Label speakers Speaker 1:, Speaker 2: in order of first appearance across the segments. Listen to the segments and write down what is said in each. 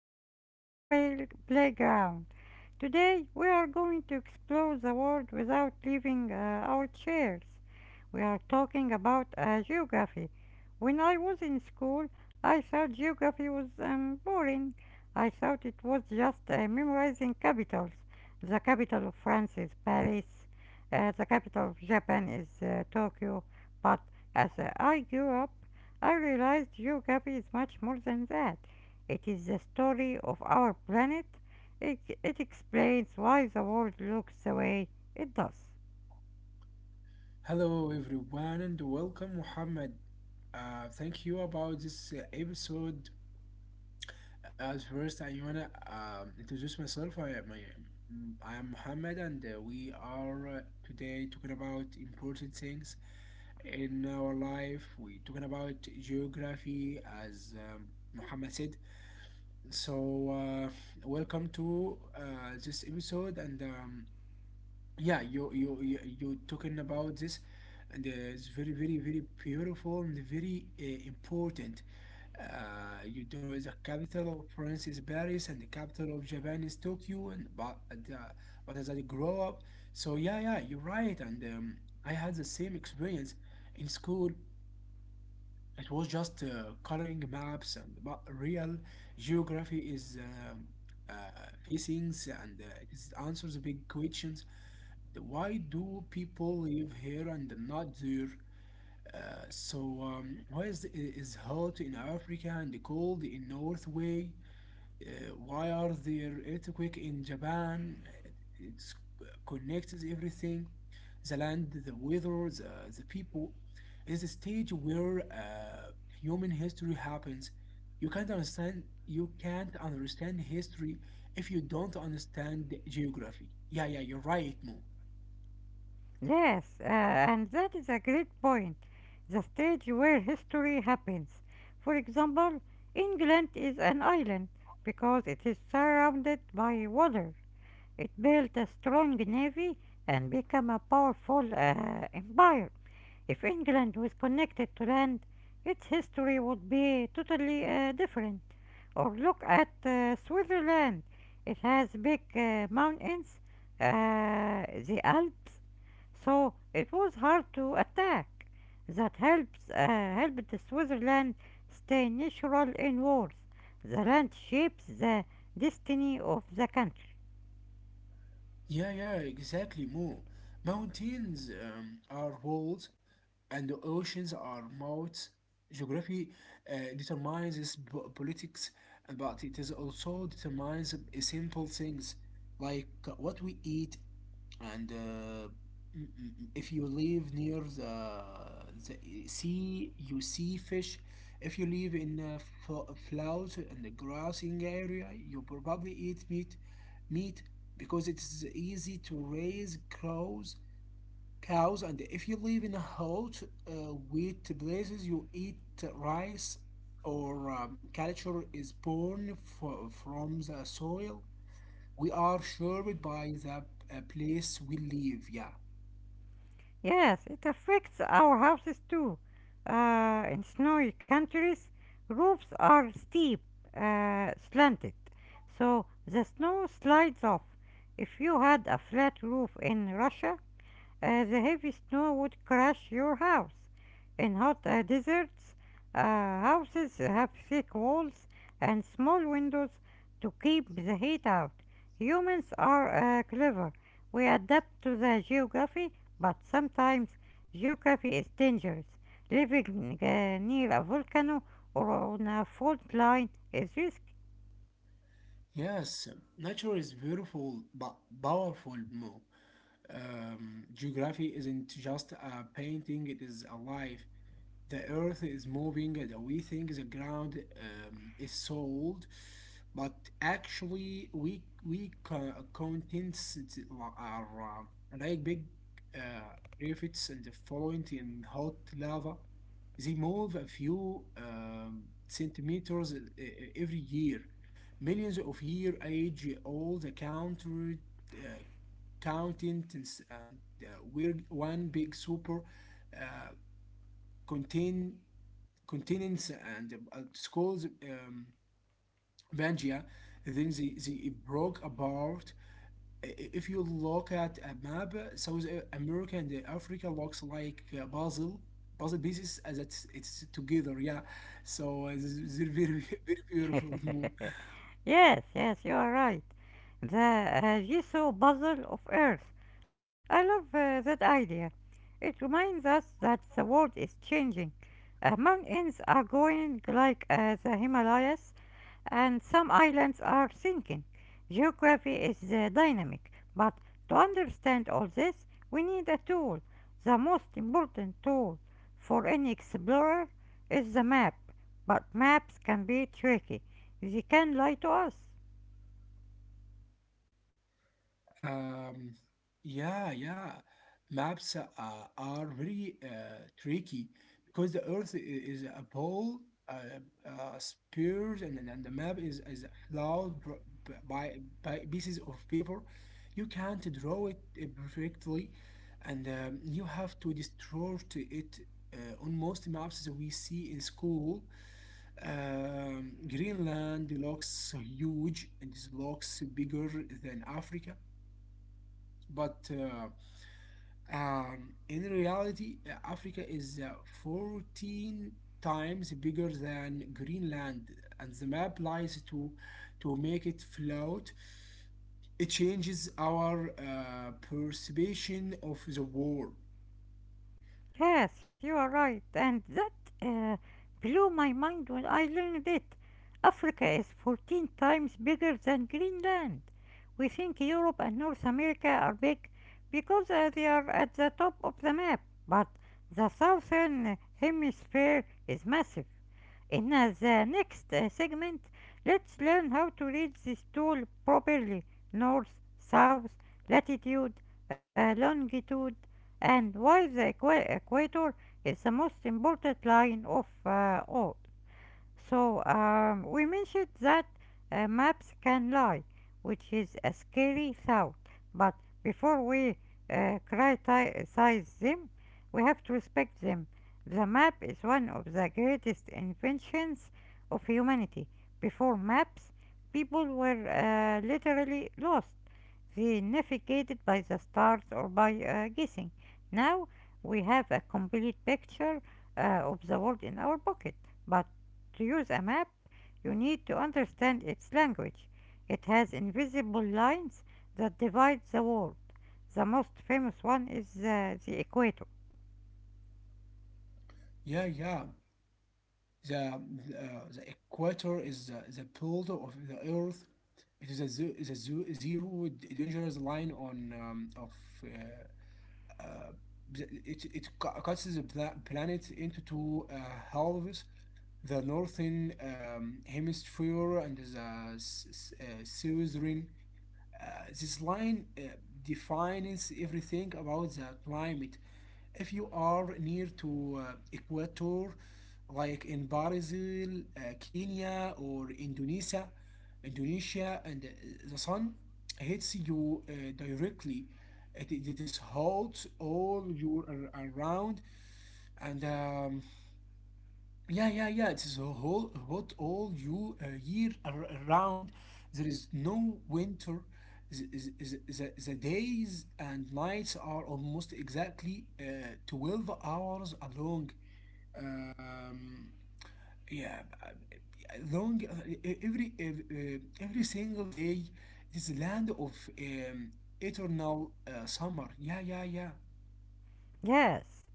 Speaker 1: to the Model Play- Playground. Today we are going to explore the world without leaving our chairs. We are talking about geography. When I was in school, I thought geography was boring. I thought it was just memorizing capitals. The capital of France is Paris, the capital of Japan is Tokyo. But as I grew up, I realized geography is much more than that. It is the story of our planet. It explains why the world looks the way it does.
Speaker 2: Hello everyone and welcome Muhammad. Thank you about this episode. As first, I wanna introduce myself. I am Muhammad, and we are today talking about important things in our life. We talking about geography, as Muhammad said. So welcome to this episode, and yeah, you talking about this, and it's very beautiful and very important. You know, the capital of France is Paris, and the capital of Japan is Tokyo, and uh, but as I grow up, so yeah, you're right, and I had the same experience in school. It was just coloring maps, and but real geography is uh, facings, and it is answers big questions. Why do people live here and not there? Why is hot in Africa and cold in North way? Why are there earthquake in Japan? It's connects everything, the land, the weather, the people. It's a stage where human history happens. You can't understand history if you don't understand geography. Yeah, yeah, you're right, Mo.
Speaker 1: Yes, and that is a great point. The stage where history happens. For example, England is an island because it is surrounded by water. It built a strong navy and became a powerful empire. If England was connected to land, its history would be totally different. Or look at Switzerland. It has big mountains, the Alps, so it was hard to attack. That helps helped Switzerland stay neutral in wars. The land shapes the destiny of the country.
Speaker 2: Yeah, yeah, exactly, Mo. Mountains are walls, and the oceans are mouth. Geography determines its politics, and but it is also determines a simple things, like what we eat and if you live near the sea, you see fish. If you live in a flat and a grassing area, you probably eat meat, meat, because it is easy to raise cows, and if you live in a hot wheat places, you eat rice, or culture is born from the soil. We are shaped by the place we live. Yeah.
Speaker 1: Yes, it affects our houses too. In snowy countries, roofs are steep, slanted, so the snow slides off. If you had a flat roof in Russia, the heavy snow would crush your house. In hot deserts, houses have thick walls and small windows to keep the heat out. Humans are clever. We adapt to the geography, but sometimes geography is dangerous. Living near a volcano or on a fault line is risky.
Speaker 2: Yes, nature is beautiful but powerful, more. Geography isn't just a painting, it is alive. The earth is moving, and we think the ground is solid, but actually contents it are like big uh, rivets and the fluent in hot lava. They move a few centimeters every year. Millions of year age old the counter, uh, counting, and we're one big super uh, contain continents, and schools Pangaea, then they broke apart. If you look at a map, South America and Africa looks like puzzle pieces as it's together. Yeah, so this is very beautiful move.
Speaker 1: Yes, yes, you are right. The jigsaw puzzle of Earth. I love that idea. It reminds us that the world is changing. Mountains are going like the Himalayas, and some islands are sinking. Geography is dynamic, but to understand all this, we need a tool. The most important tool for any explorer is the map, but maps can be tricky. They can lie to us.
Speaker 2: Um, yeah, yeah. Maps are very tricky because the Earth is a ball, uh, spheres, and the map is flawed by pieces of paper. You can't draw it perfectly, and you have to distort it. Uh, on most maps that we see in school, Greenland looks huge, and it looks bigger than Africa, but in reality, Africa is 14 times bigger than Greenland, and the map lies to make it float. It changes our perception of the world.
Speaker 1: Yes, you are right, and that uh, blew my mind when I learned it. Africa is 14 times bigger than Greenland. We think Europe and North America are big because they are at the top of the map, but the southern hemisphere is massive. In the next segment, let's learn how to read this tool properly: north, south, latitude, longitude, and why the equator is the most important line of all. So we mentioned that maps can lie, which is a scary thought. But before we criticize them, we have to respect them. The map is one of the greatest inventions of humanity. Before maps, people were literally lost. They navigated by the stars or by guessing. Now we have a complete picture of the world in our pocket. But to use a map, you need to understand its language. It has invisible lines that divide the world. The most famous one is the equator.
Speaker 2: Yeah, yeah. The, uh, the equator is the pole of the Earth. It is a zero dangerous line on uh, uh, it, it cu- cuts the planet into two halves: the northern hemisphere and the southern. This line defines everything about the climate. If you are near to equator, like in Brazil, Kenya, or Indonesia, and the sun hits you directly. It is hot all year around, and yeah, yeah, yeah. It is a whole hot all you year around. There is no winter. The days and nights are almost exactly 12 hours long. Um, yeah, long every single day. It is a land of eternal summer. Yeah, yeah, yeah.
Speaker 1: Yes,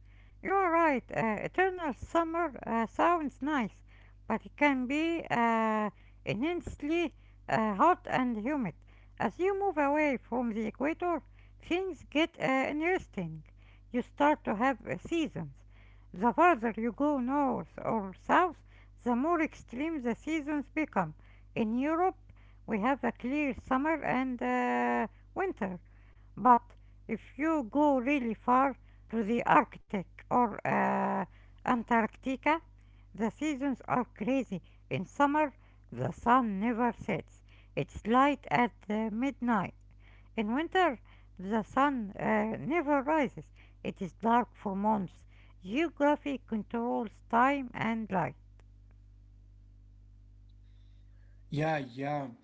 Speaker 1: you are right. Eternal summer sounds nice, but it can be immensely hot and humid. As you move away from the equator, things get interesting. You start to have seasons. The farther you go north or south, the more extreme the seasons become. In Europe, we have a clear summer and winter. But if you go really far to the Arctic or Antarctica, the seasons are crazy. In summer, the sun never sets. It's light at midnight. In winter, the sun never rises. It is dark for months. Geography controls time and light.
Speaker 2: Yeah, yeah.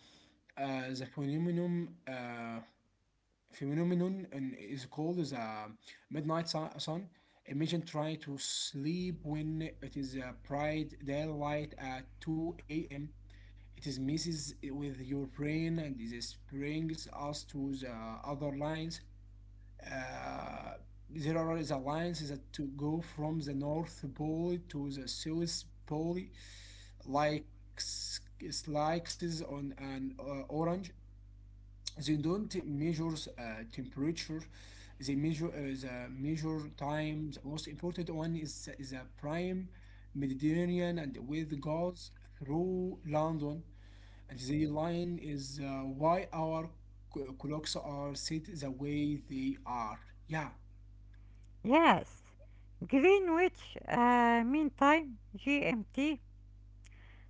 Speaker 2: Uh, the phenomenon and is called as a midnight sun. Imagine trying to sleep when it is a bright daylight at 2 a.m. It is messes with your brain, and this brings us to the other lines. Uh, there are the lines that to go from the North Pole to the South Pole, like s- slices on an orange. They don't measure uh, temperature, they measure the measure time. The most important one is a prime mediterranean and with gas through london, and the line is why our clocks are set the way they are. Yeah.
Speaker 1: Yes, Greenwich Mean Time, GMT.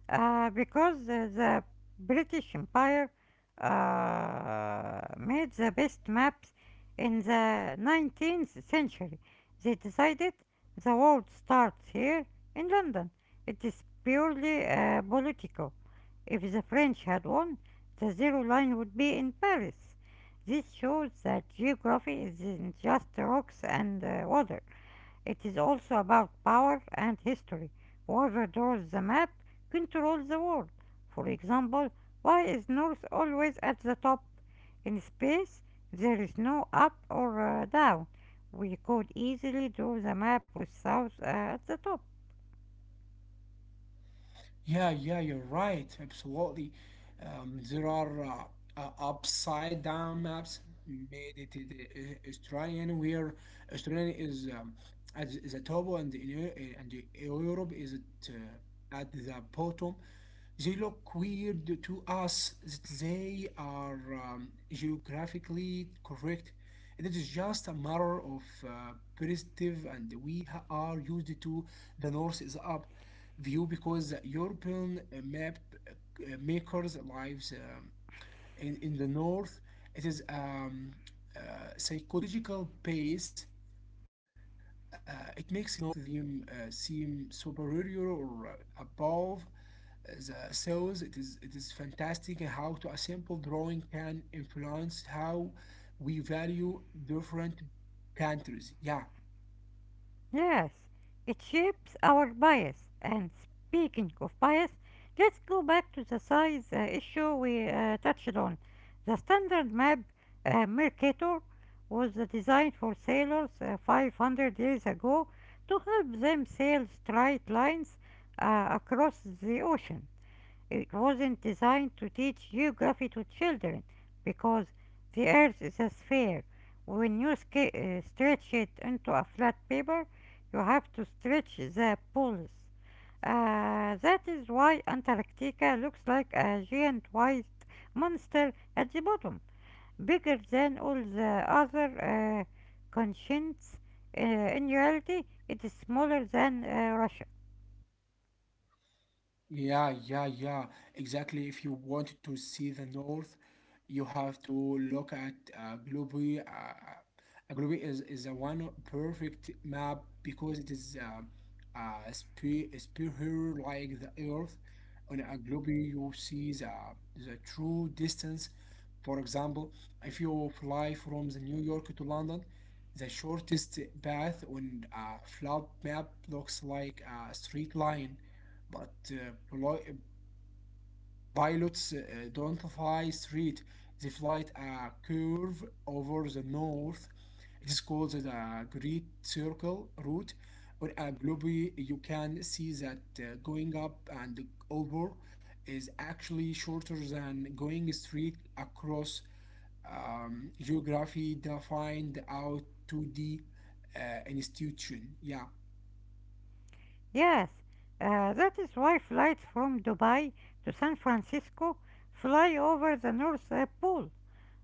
Speaker 1: Because the British Empire made the best maps in the 19th century. They decided the world starts here in London. It is purely political. If the French had won, the zero line would be in Paris. This shows that geography isn't just rocks and water. It is also about power and history. Whoever draws the map controls the world. For example, why is North always at the top? In space, there is no up or down. We could easily draw the map with South at the top.
Speaker 2: Yeah, yeah, you're right. Absolutely. There are upside down maps made it in the, Australian, where Australia is at the top, and Europe is at the bottom. They look weird to us, that they are geographically correct. And it is just a matter of perspective, and we are used to the "north is up" view, because European map makers lives in the north. It is uh, psychological base. Uh, it makes the north seem superior or above the cells. It is fantastic how to a simple drawing can influence how we value different countries. Yeah.
Speaker 1: Yes, it shapes our bias. And speaking of bias, let's go back to the size issue we touched on. The standard map, Mercator, was designed for sailors 500 years ago to help them sail straight lines across the ocean. It wasn't designed to teach geography to children because the earth is a sphere. When you stretch it into a flat paper, you have to stretch the poles. That is why Antarctica looks like a giant white monster at the bottom, bigger than all the other continents. In reality, it is smaller than Russia.
Speaker 2: Yeah, yeah, yeah. Exactly. If you want to see the north, you have to look at Globe. Globe is a one perfect map because it is spe- sphere like the earth. On a globe, you see the true distance. For example, if you fly from the New York to London, the shortest path on a flap map looks like a straight line, but pilots don't fly straight. They fly a curve over the north. It is called the Great Circle route. On a globe, you can see that going up and over is actually shorter than going straight across. Geography defined out to the institution. Yeah,
Speaker 1: Yes, that is why flights from Dubai to San Francisco fly over the North Pole.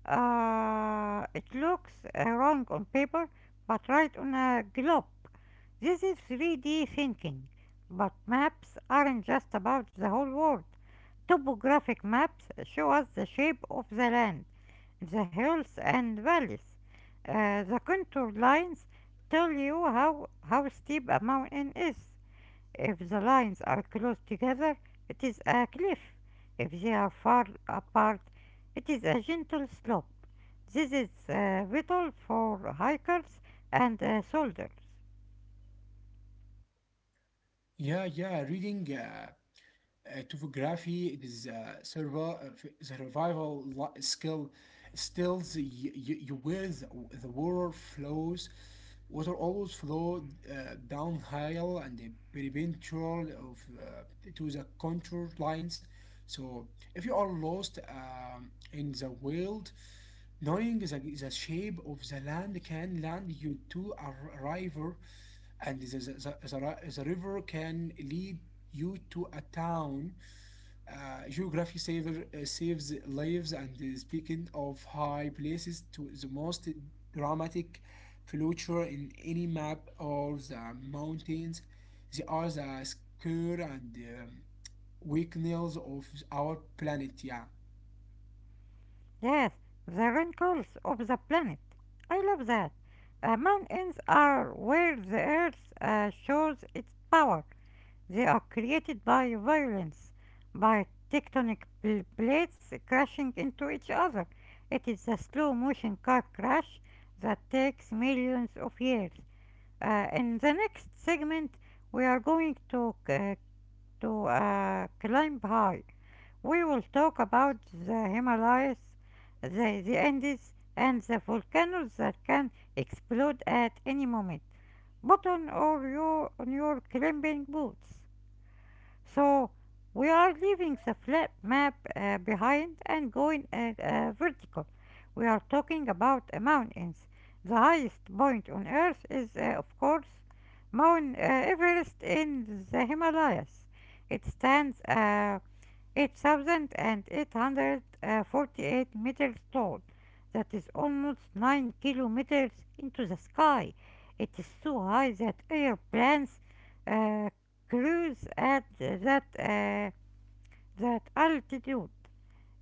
Speaker 1: It looks wrong on paper, but right on a globe. This is 3D thinking, but maps aren't just about the whole world. Topographic maps show us the shape of the land, the hills and valleys. The contour lines tell you how steep a mountain is. If the lines are close together, it is a cliff. If they are far apart, it is a gentle slope. This is vital for hikers and soldiers.
Speaker 2: yeah, yeah. Reading topography, it is a survival skill. Still, you where the water flows. Water always flow downhill and the perpendicular of to the contour lines. So, if you are lost in the wild, knowing the shape of the land can land you to a river, and the river can lead you to a town. Geography saves lives. And speaking of high places, to the most dramatic feature in any map are the mountains. They are the score and weak nails of our planet. Yeah.
Speaker 1: Yes, the wrinkles of the planet. I love that. Mountains are where the earth shows its power. They are created by violence, by tectonic plates crashing into each other. It is a slow motion car crash that takes millions of years. In the next segment, we are going to climb high. We will talk about the Himalayas, the Andes, and the volcanoes that can explode at any moment. Put on all your on your climbing boots. So we are leaving the flat map behind and going vertical. We are talking about mountains. The highest point on Earth is, of course, Mount Everest in the Himalayas. It stands 8,848 meters tall. That is almost 9 kilometers into the sky. It is so high that airplanes uh, cruise at that altitude.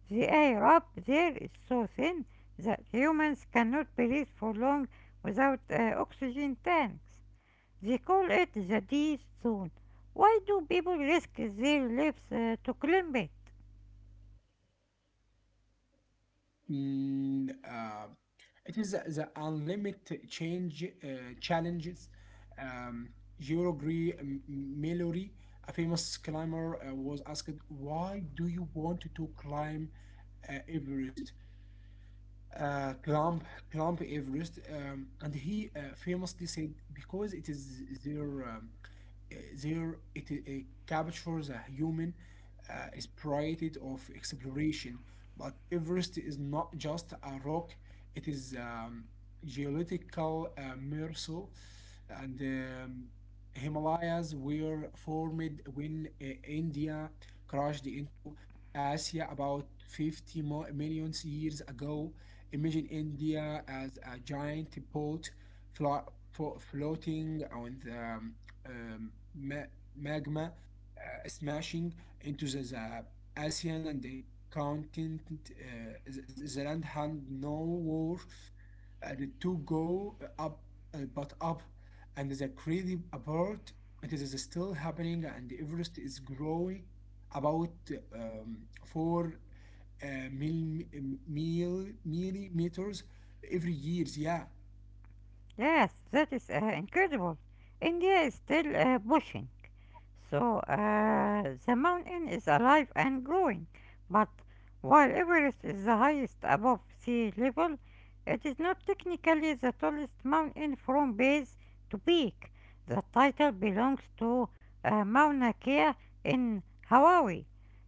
Speaker 1: The air up there is so thin that humans cannot breathe for long without oxygen tanks. They call it the D zone. Why do people risk their lives to climb it?
Speaker 2: Mm, uh, It is the unlimited change challenges. Um, Eurogree Mallory, a famous climber, was asked, "Why do you want to climb Everest?" Climb climb Everest?" And he famously said, "Because it is their uh, their it, uh, captures a human spirit of exploration." But Everest is not just a rock; it is geological mirror. And Himalayas were formed when India crashed into Asia about 50 million years ago. Imagine India as a giant boat flo- floating on the magma, smashing into the Asian and the continent. The land had nowhere to go up, but up, and the crazy apart. It is still happening, and Everest is growing about four uh, mil, eh, millimeters every year. Yeah.
Speaker 1: Yes, that is incredible. India is still pushing. So the mountain is alive and growing, but while Everest is the highest above sea level, it is not technically the tallest mountain from base to peak. The title belongs to Mauna Kea in Hawaii.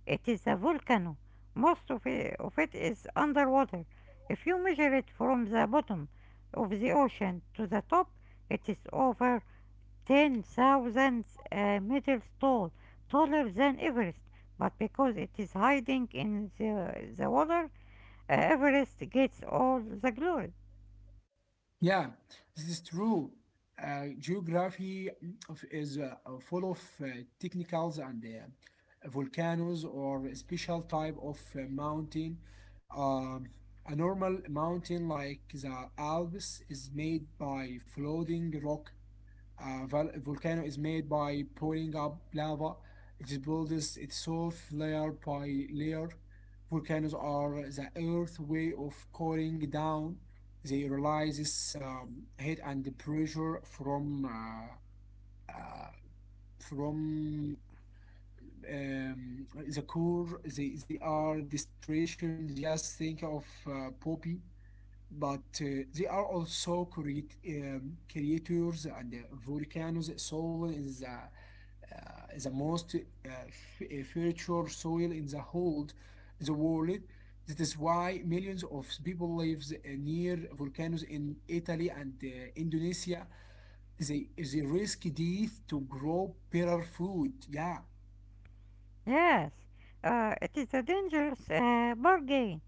Speaker 1: It is a volcano. Most of it is underwater. If you measure it from the bottom of the ocean to the top, it is over 10,000 meters tall, taller than Everest. But because it is hiding in the water, Everest gets all the glory.
Speaker 2: Yeah, this is true. Geography is full of technicals, and volcanoes or a special type of mountain. Um, a normal mountain like the Alps is made by floating rock. A volcano is made by pouring up lava. It builds itself layer by layer. Volcanoes are the Earth's way of cooling down. They release heat and pressure from uh, from the core. They are destruction. Just think of Poppy, but they are also creators, and volcanoes. Soil is is the most uh, fertile soil in the whole the world. That is why millions of people live near volcanoes in Italy and Indonesia. They risk death to grow better food. Yeah.
Speaker 1: Yes, it is a dangerous bargain.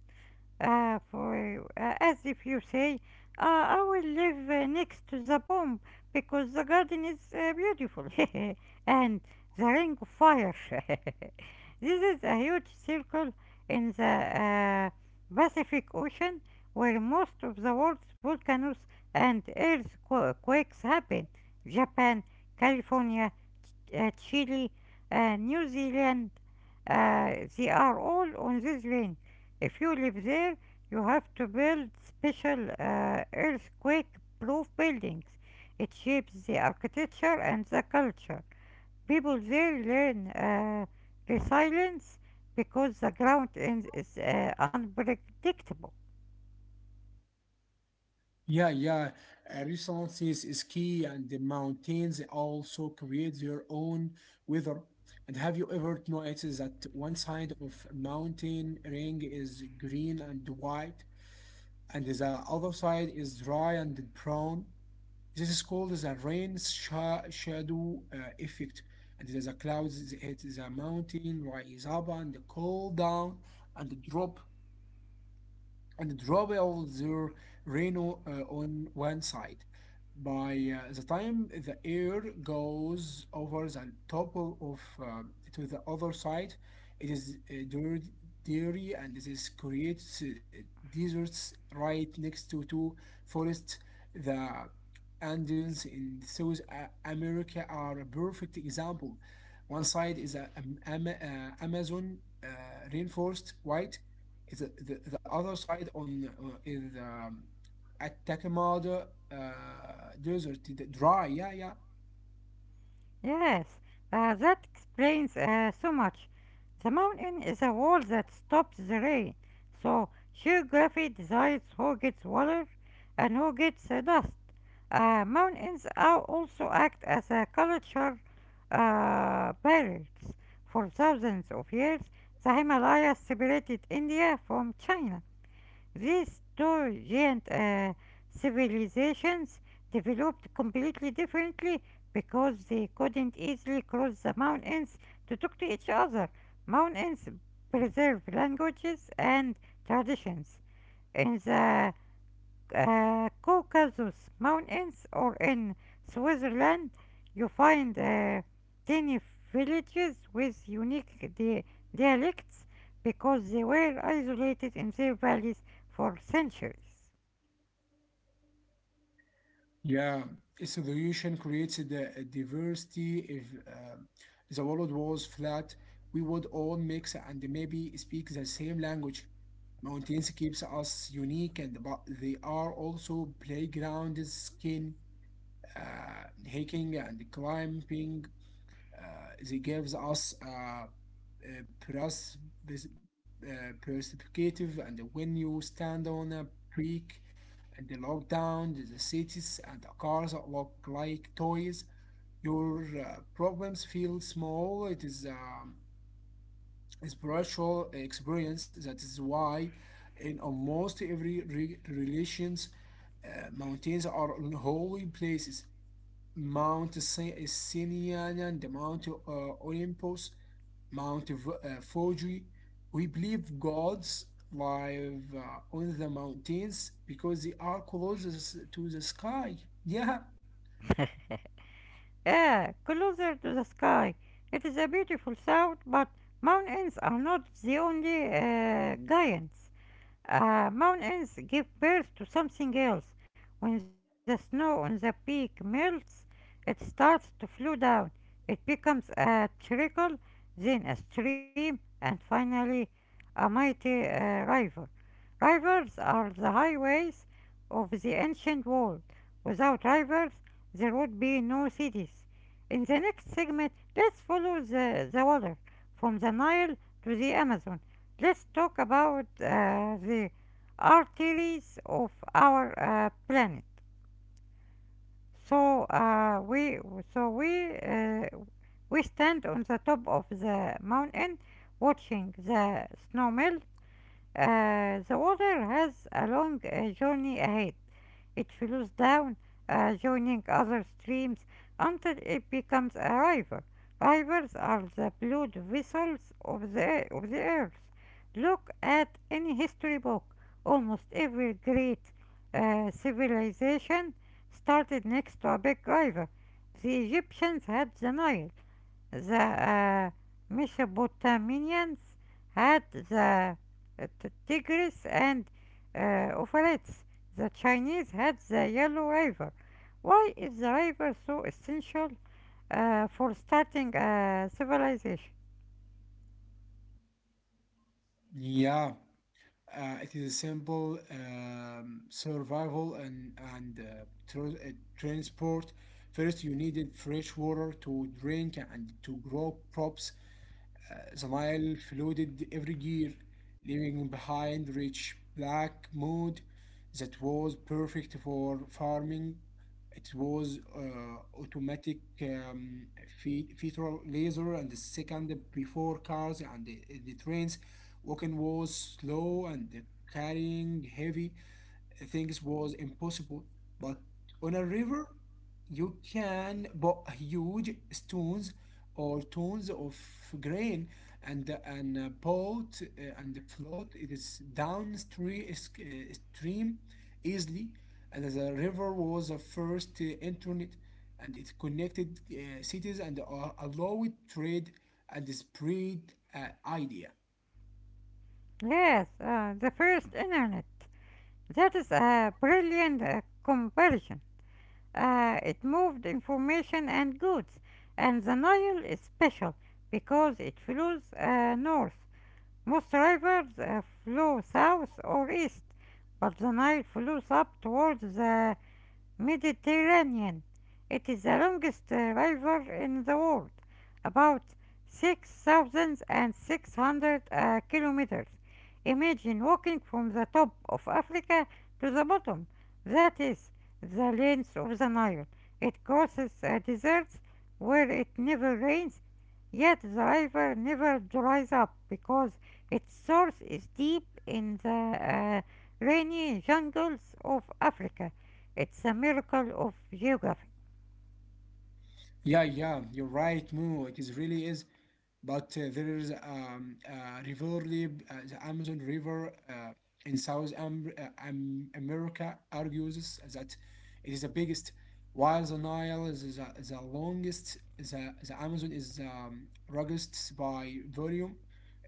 Speaker 1: As if you say, I will live next to the bomb because the garden is beautiful. And the ring of fire. This is a huge circle in the Pacific Ocean where most of the world's volcanoes and earthquakes happen. Japan, California, Chile, New Zealand, they are all on this range. If you live there, you have to build special earthquake proof buildings. It shapes the architecture and the culture. People there learn resilience because the ground is unpredictable.
Speaker 2: Yeah, yeah. Resources is key, and the mountains also create their own weather. And have you ever noticed that one side of a mountain ring is green and white, and the other side is dry and brown? This is called the rain shadow effect. And the clouds hit the mountain, rise up and cool down, and drop all their reno on one side. By the time the air goes over the top of to the other side, it is dirty, and this creates deserts right next to two forests. The Andes in South America are a perfect example. One side is Amazon rainforest, white, the other side on is Atacamada uh, desert, the dry. Yeah,
Speaker 1: Yes, that explains so much. The mountain is a wall that stops the rain, so geography decides who gets water and who gets dust. Mountains are also act as a culture barriers. For thousands of years, the Himalayas separated India from China. These two giant civilizations developed completely differently because they couldn't easily cross the mountains to talk to each other. Mountains preserve languages and traditions. In the Caucasus mountains or in Switzerland, you find tiny villages with unique dialects because they were isolated in their valleys for centuries.
Speaker 2: yeah. Its evolution creates the diversity. If the world was flat, we would all mix and maybe speak the same language. Mountains keeps us unique, and but they are also playgrounds, skin uh, hiking and climbing. Uh, they gives us a pros- pers- perspective, and when you stand on a creek and the lockdown, the cities and the cars look like toys. Your problems feel small. It is a spiritual experience. That is why, in almost every religions, mountains are holy places. Sinaai the Mount Olympus, Mount Fuji. We believe gods live on the mountains because they are closest to the sky. Yeah,
Speaker 1: Ah, closer to the sky. It is a beautiful sound, but mountains are not the only giants. Mountains give birth to something else. When the snow on the peak melts, it starts to flow down. It becomes a trickle, then a stream, and finally a mighty river. Rivers are the highways of the ancient world. Without rivers, there would be no cities. In the next segment, let's follow the water from the Nile to the Amazon. Let's talk about the arteries of our planet. So we so we We stand on the top of the mountain watching the snow melt. The water has a long journey ahead. It flows down, joining other streams until it becomes a river. Rivers are the blood vessels of the earth. Look at any history book. Almost every great civilization started next to a big river. The Egyptians had the Nile, the Mesopotamians had the uh, Tigris and Euphrates. The Chinese had the Yellow River. Why is the river so essential for starting a civilization?
Speaker 2: yeah. It is a simple survival and transport. First, you needed fresh water to drink and to grow crops. The Nile flooded every year, leaving behind rich black mud that was perfect for farming. It was automatic feeder laser and the second before cars and the trains. Walking was slow and the carrying heavy things was impossible. But on a river, you can buy huge stones or tons of grain and boat and the float it is downstream stream easily and the river was the first internet and it connected cities and allowed trade and spread uh, idea.
Speaker 1: Yes, the first internet. That is a brilliant conversion. It moved information and goods, and the Nile is special because it flows north. Most rivers flow south or east, but the Nile flows up towards the Mediterranean. It is the longest river in the world, about 6,600 kilometers. Imagine walking from the top of Africa to the bottom. That is the length of the Nile. It crosses deserts where it never rains. Yet the river never dries up because its source is deep in the rainy jungles of Africa. It's a miracle of geography.
Speaker 2: Yeah, you're right, Mo. It is really is, but there is rivalry. The Amazon River in South America argues that it is the biggest, while the Nile is the longest. The Amazon is the largest by volume.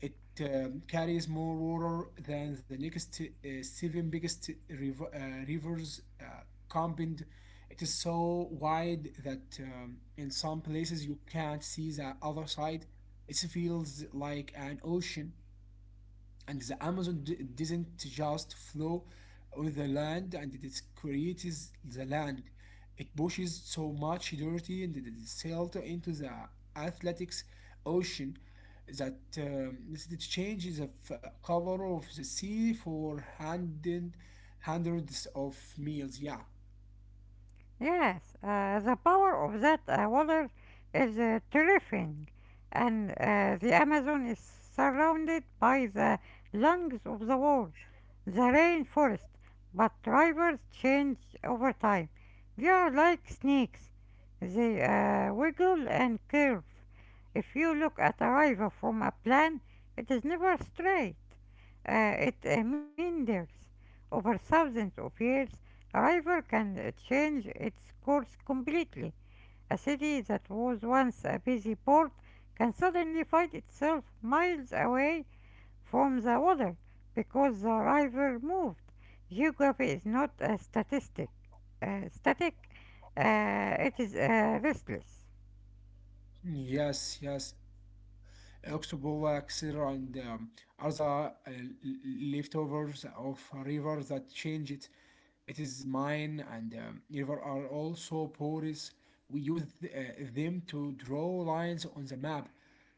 Speaker 2: It carries more water than the next seven biggest rivers combined. It is so wide that in some places you can't see the other side. It feels like an ocean, and the Amazon doesn't just flow with the land, and it creates the land. It pushes so much dirty and the silt into the athletics ocean that it changes the cover of the sea for hundreds of miles. Yeah.
Speaker 1: Yes, the power of that water is terrifying, and the Amazon is surrounded by the lungs of the world, the rainforest, but drivers change over time. They are like snakes. They wiggle and curve. If you look at a river from a plan, it is never straight. It meanders. Over thousands of years, a river can change its course completely. A city that was once a busy port can suddenly find itself miles away from the other because the river moved. Geography is not a statistic. Static, it is restless.
Speaker 2: Yes, yes. Oxbow, Xera, and other leftovers of rivers that change it. It is mine and river are also porous. We use them to draw lines on the map.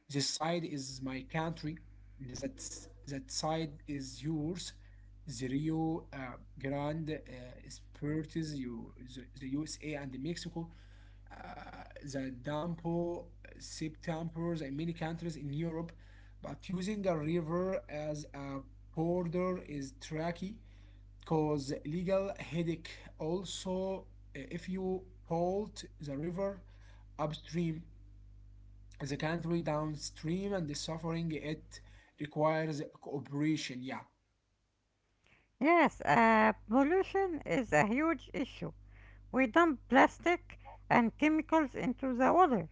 Speaker 2: This side is my country. That that side is yours. The Rio Grande is Perth, you, the USA and Mexico, uh, the Dampo septemper's in many countries in Europe, but using a river as a border is tricky cause legal headache. Also, if you pollute the river upstream, the country downstream and the suffering it requires cooperation. Yeah.
Speaker 1: Yes, pollution is a huge issue. We dump plastic and chemicals into the water,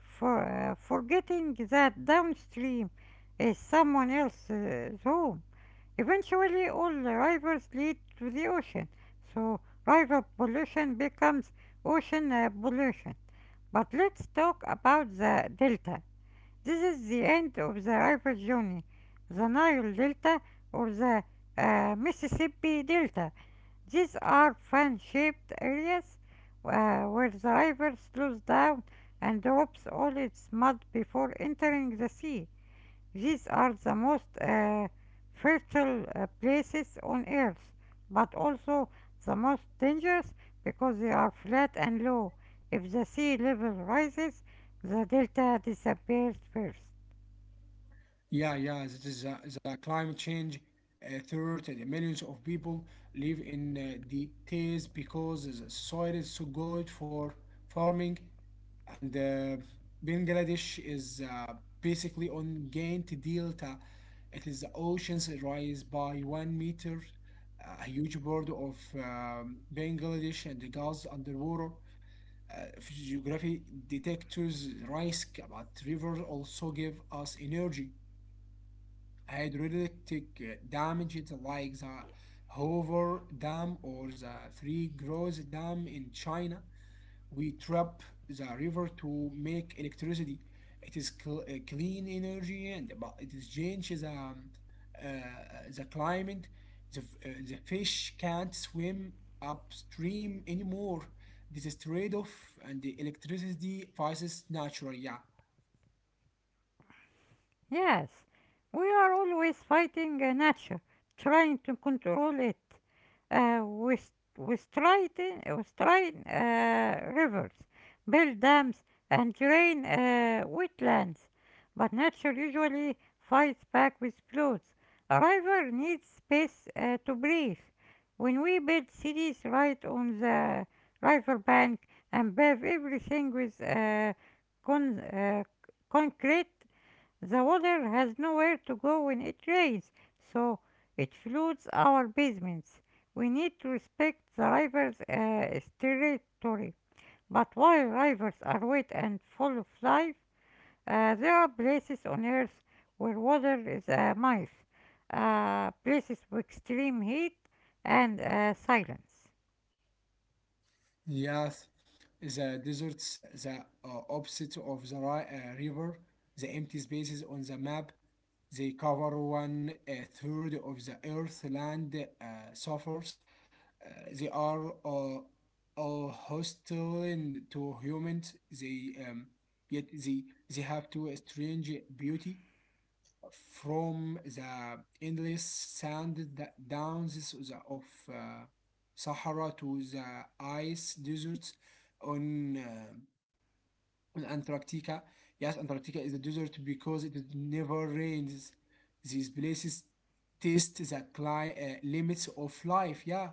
Speaker 1: forgetting that downstream is someone else's home. Eventually, all the rivers lead to the ocean, so river pollution becomes ocean pollution. But let's talk about the delta. This is the end of the river journey. The Nile Delta or the Mississippi Delta. These are fan shaped areas where the river slows down and drops all its mud before entering the sea. These are the most fertile places on Earth, but also the most dangerous because they are flat and low. If the sea level rises, the delta disappears first.
Speaker 2: Yeah, it is a, the climate change. Uh, third, the millions of people live in the cities because the soil is so good for farming, and Bangladesh is basically on Gantt Delta. It is the oceans rise by 1 meter. A huge part of Bangladesh and the Gulf underwater. Geography detectors risk, but river also give us energy. Hydrolytic damage. It's like the Hoover Dam or the Three Gross Dam in China. We trap the river to make electricity. It is clean energy, and but it is changes the climate. The, the fish can't swim upstream anymore. This is trade-off, and the electricity prices natural. Yeah.
Speaker 1: Yes, we are always fighting nature, trying to control it. Uh, we, st- we strain, we strain rivers, build dams, and drain wetlands. But nature usually fights back with floods. A river needs space to breathe. When we build cities right on the river bank and pave everything with con- uh, concrete, the water has nowhere to go when it rains, so it floods our basements. We need to respect the river's territory. But while rivers are wet and full of life, there are places on Earth where water is a myth, places with extreme heat and silence.
Speaker 2: Yes, the deserts, the opposite of the river, the empty spaces on the map, they cover one third of the Earth land suffers. They are hostile and to humans. They yet they have to a strange beauty from the endless sand downs of uh, Sahara to the ice deserts on, uh, on Antarctica. Yes, Antarctica is a desert because it never rains. These places test the limits of life. Yeah.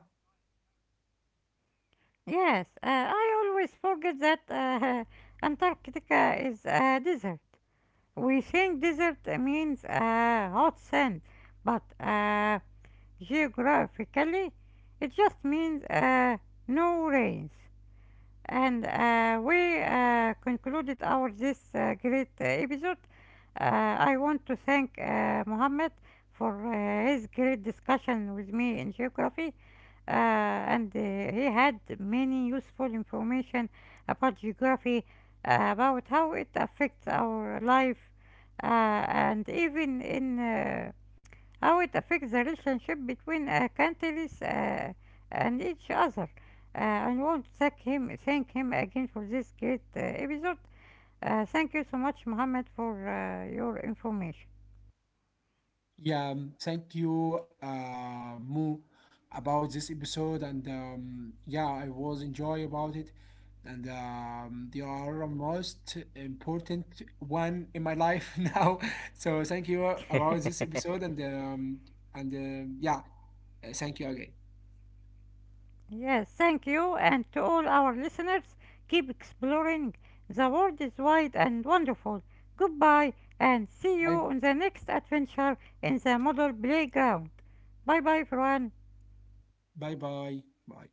Speaker 1: Yes, I always forget that Antarctica is a desert. We think desert means hot sand, but geographically it just means no rains. And we concluded our this great episode. I want to thank Mohammed for his great discussion with me in geography , and he had many useful information about geography, about how it affects our life, and even in how it affects the relationship between countries and each other. I want to thank him again for this great episode. Thank you so much, Mohammed, for your information.
Speaker 2: Yeah, thank you, Mo, about this episode, and yeah, I was enjoy about it, and they are most important one in my life now. So thank you about this episode, and yeah, thank you again.
Speaker 1: Yes, thank you, and to all our listeners, keep exploring. The world is wide and wonderful. Goodbye, and see you
Speaker 2: Bye,
Speaker 1: on the next adventure in the Model Playground. Bye bye, everyone.
Speaker 2: bye, bye, bye.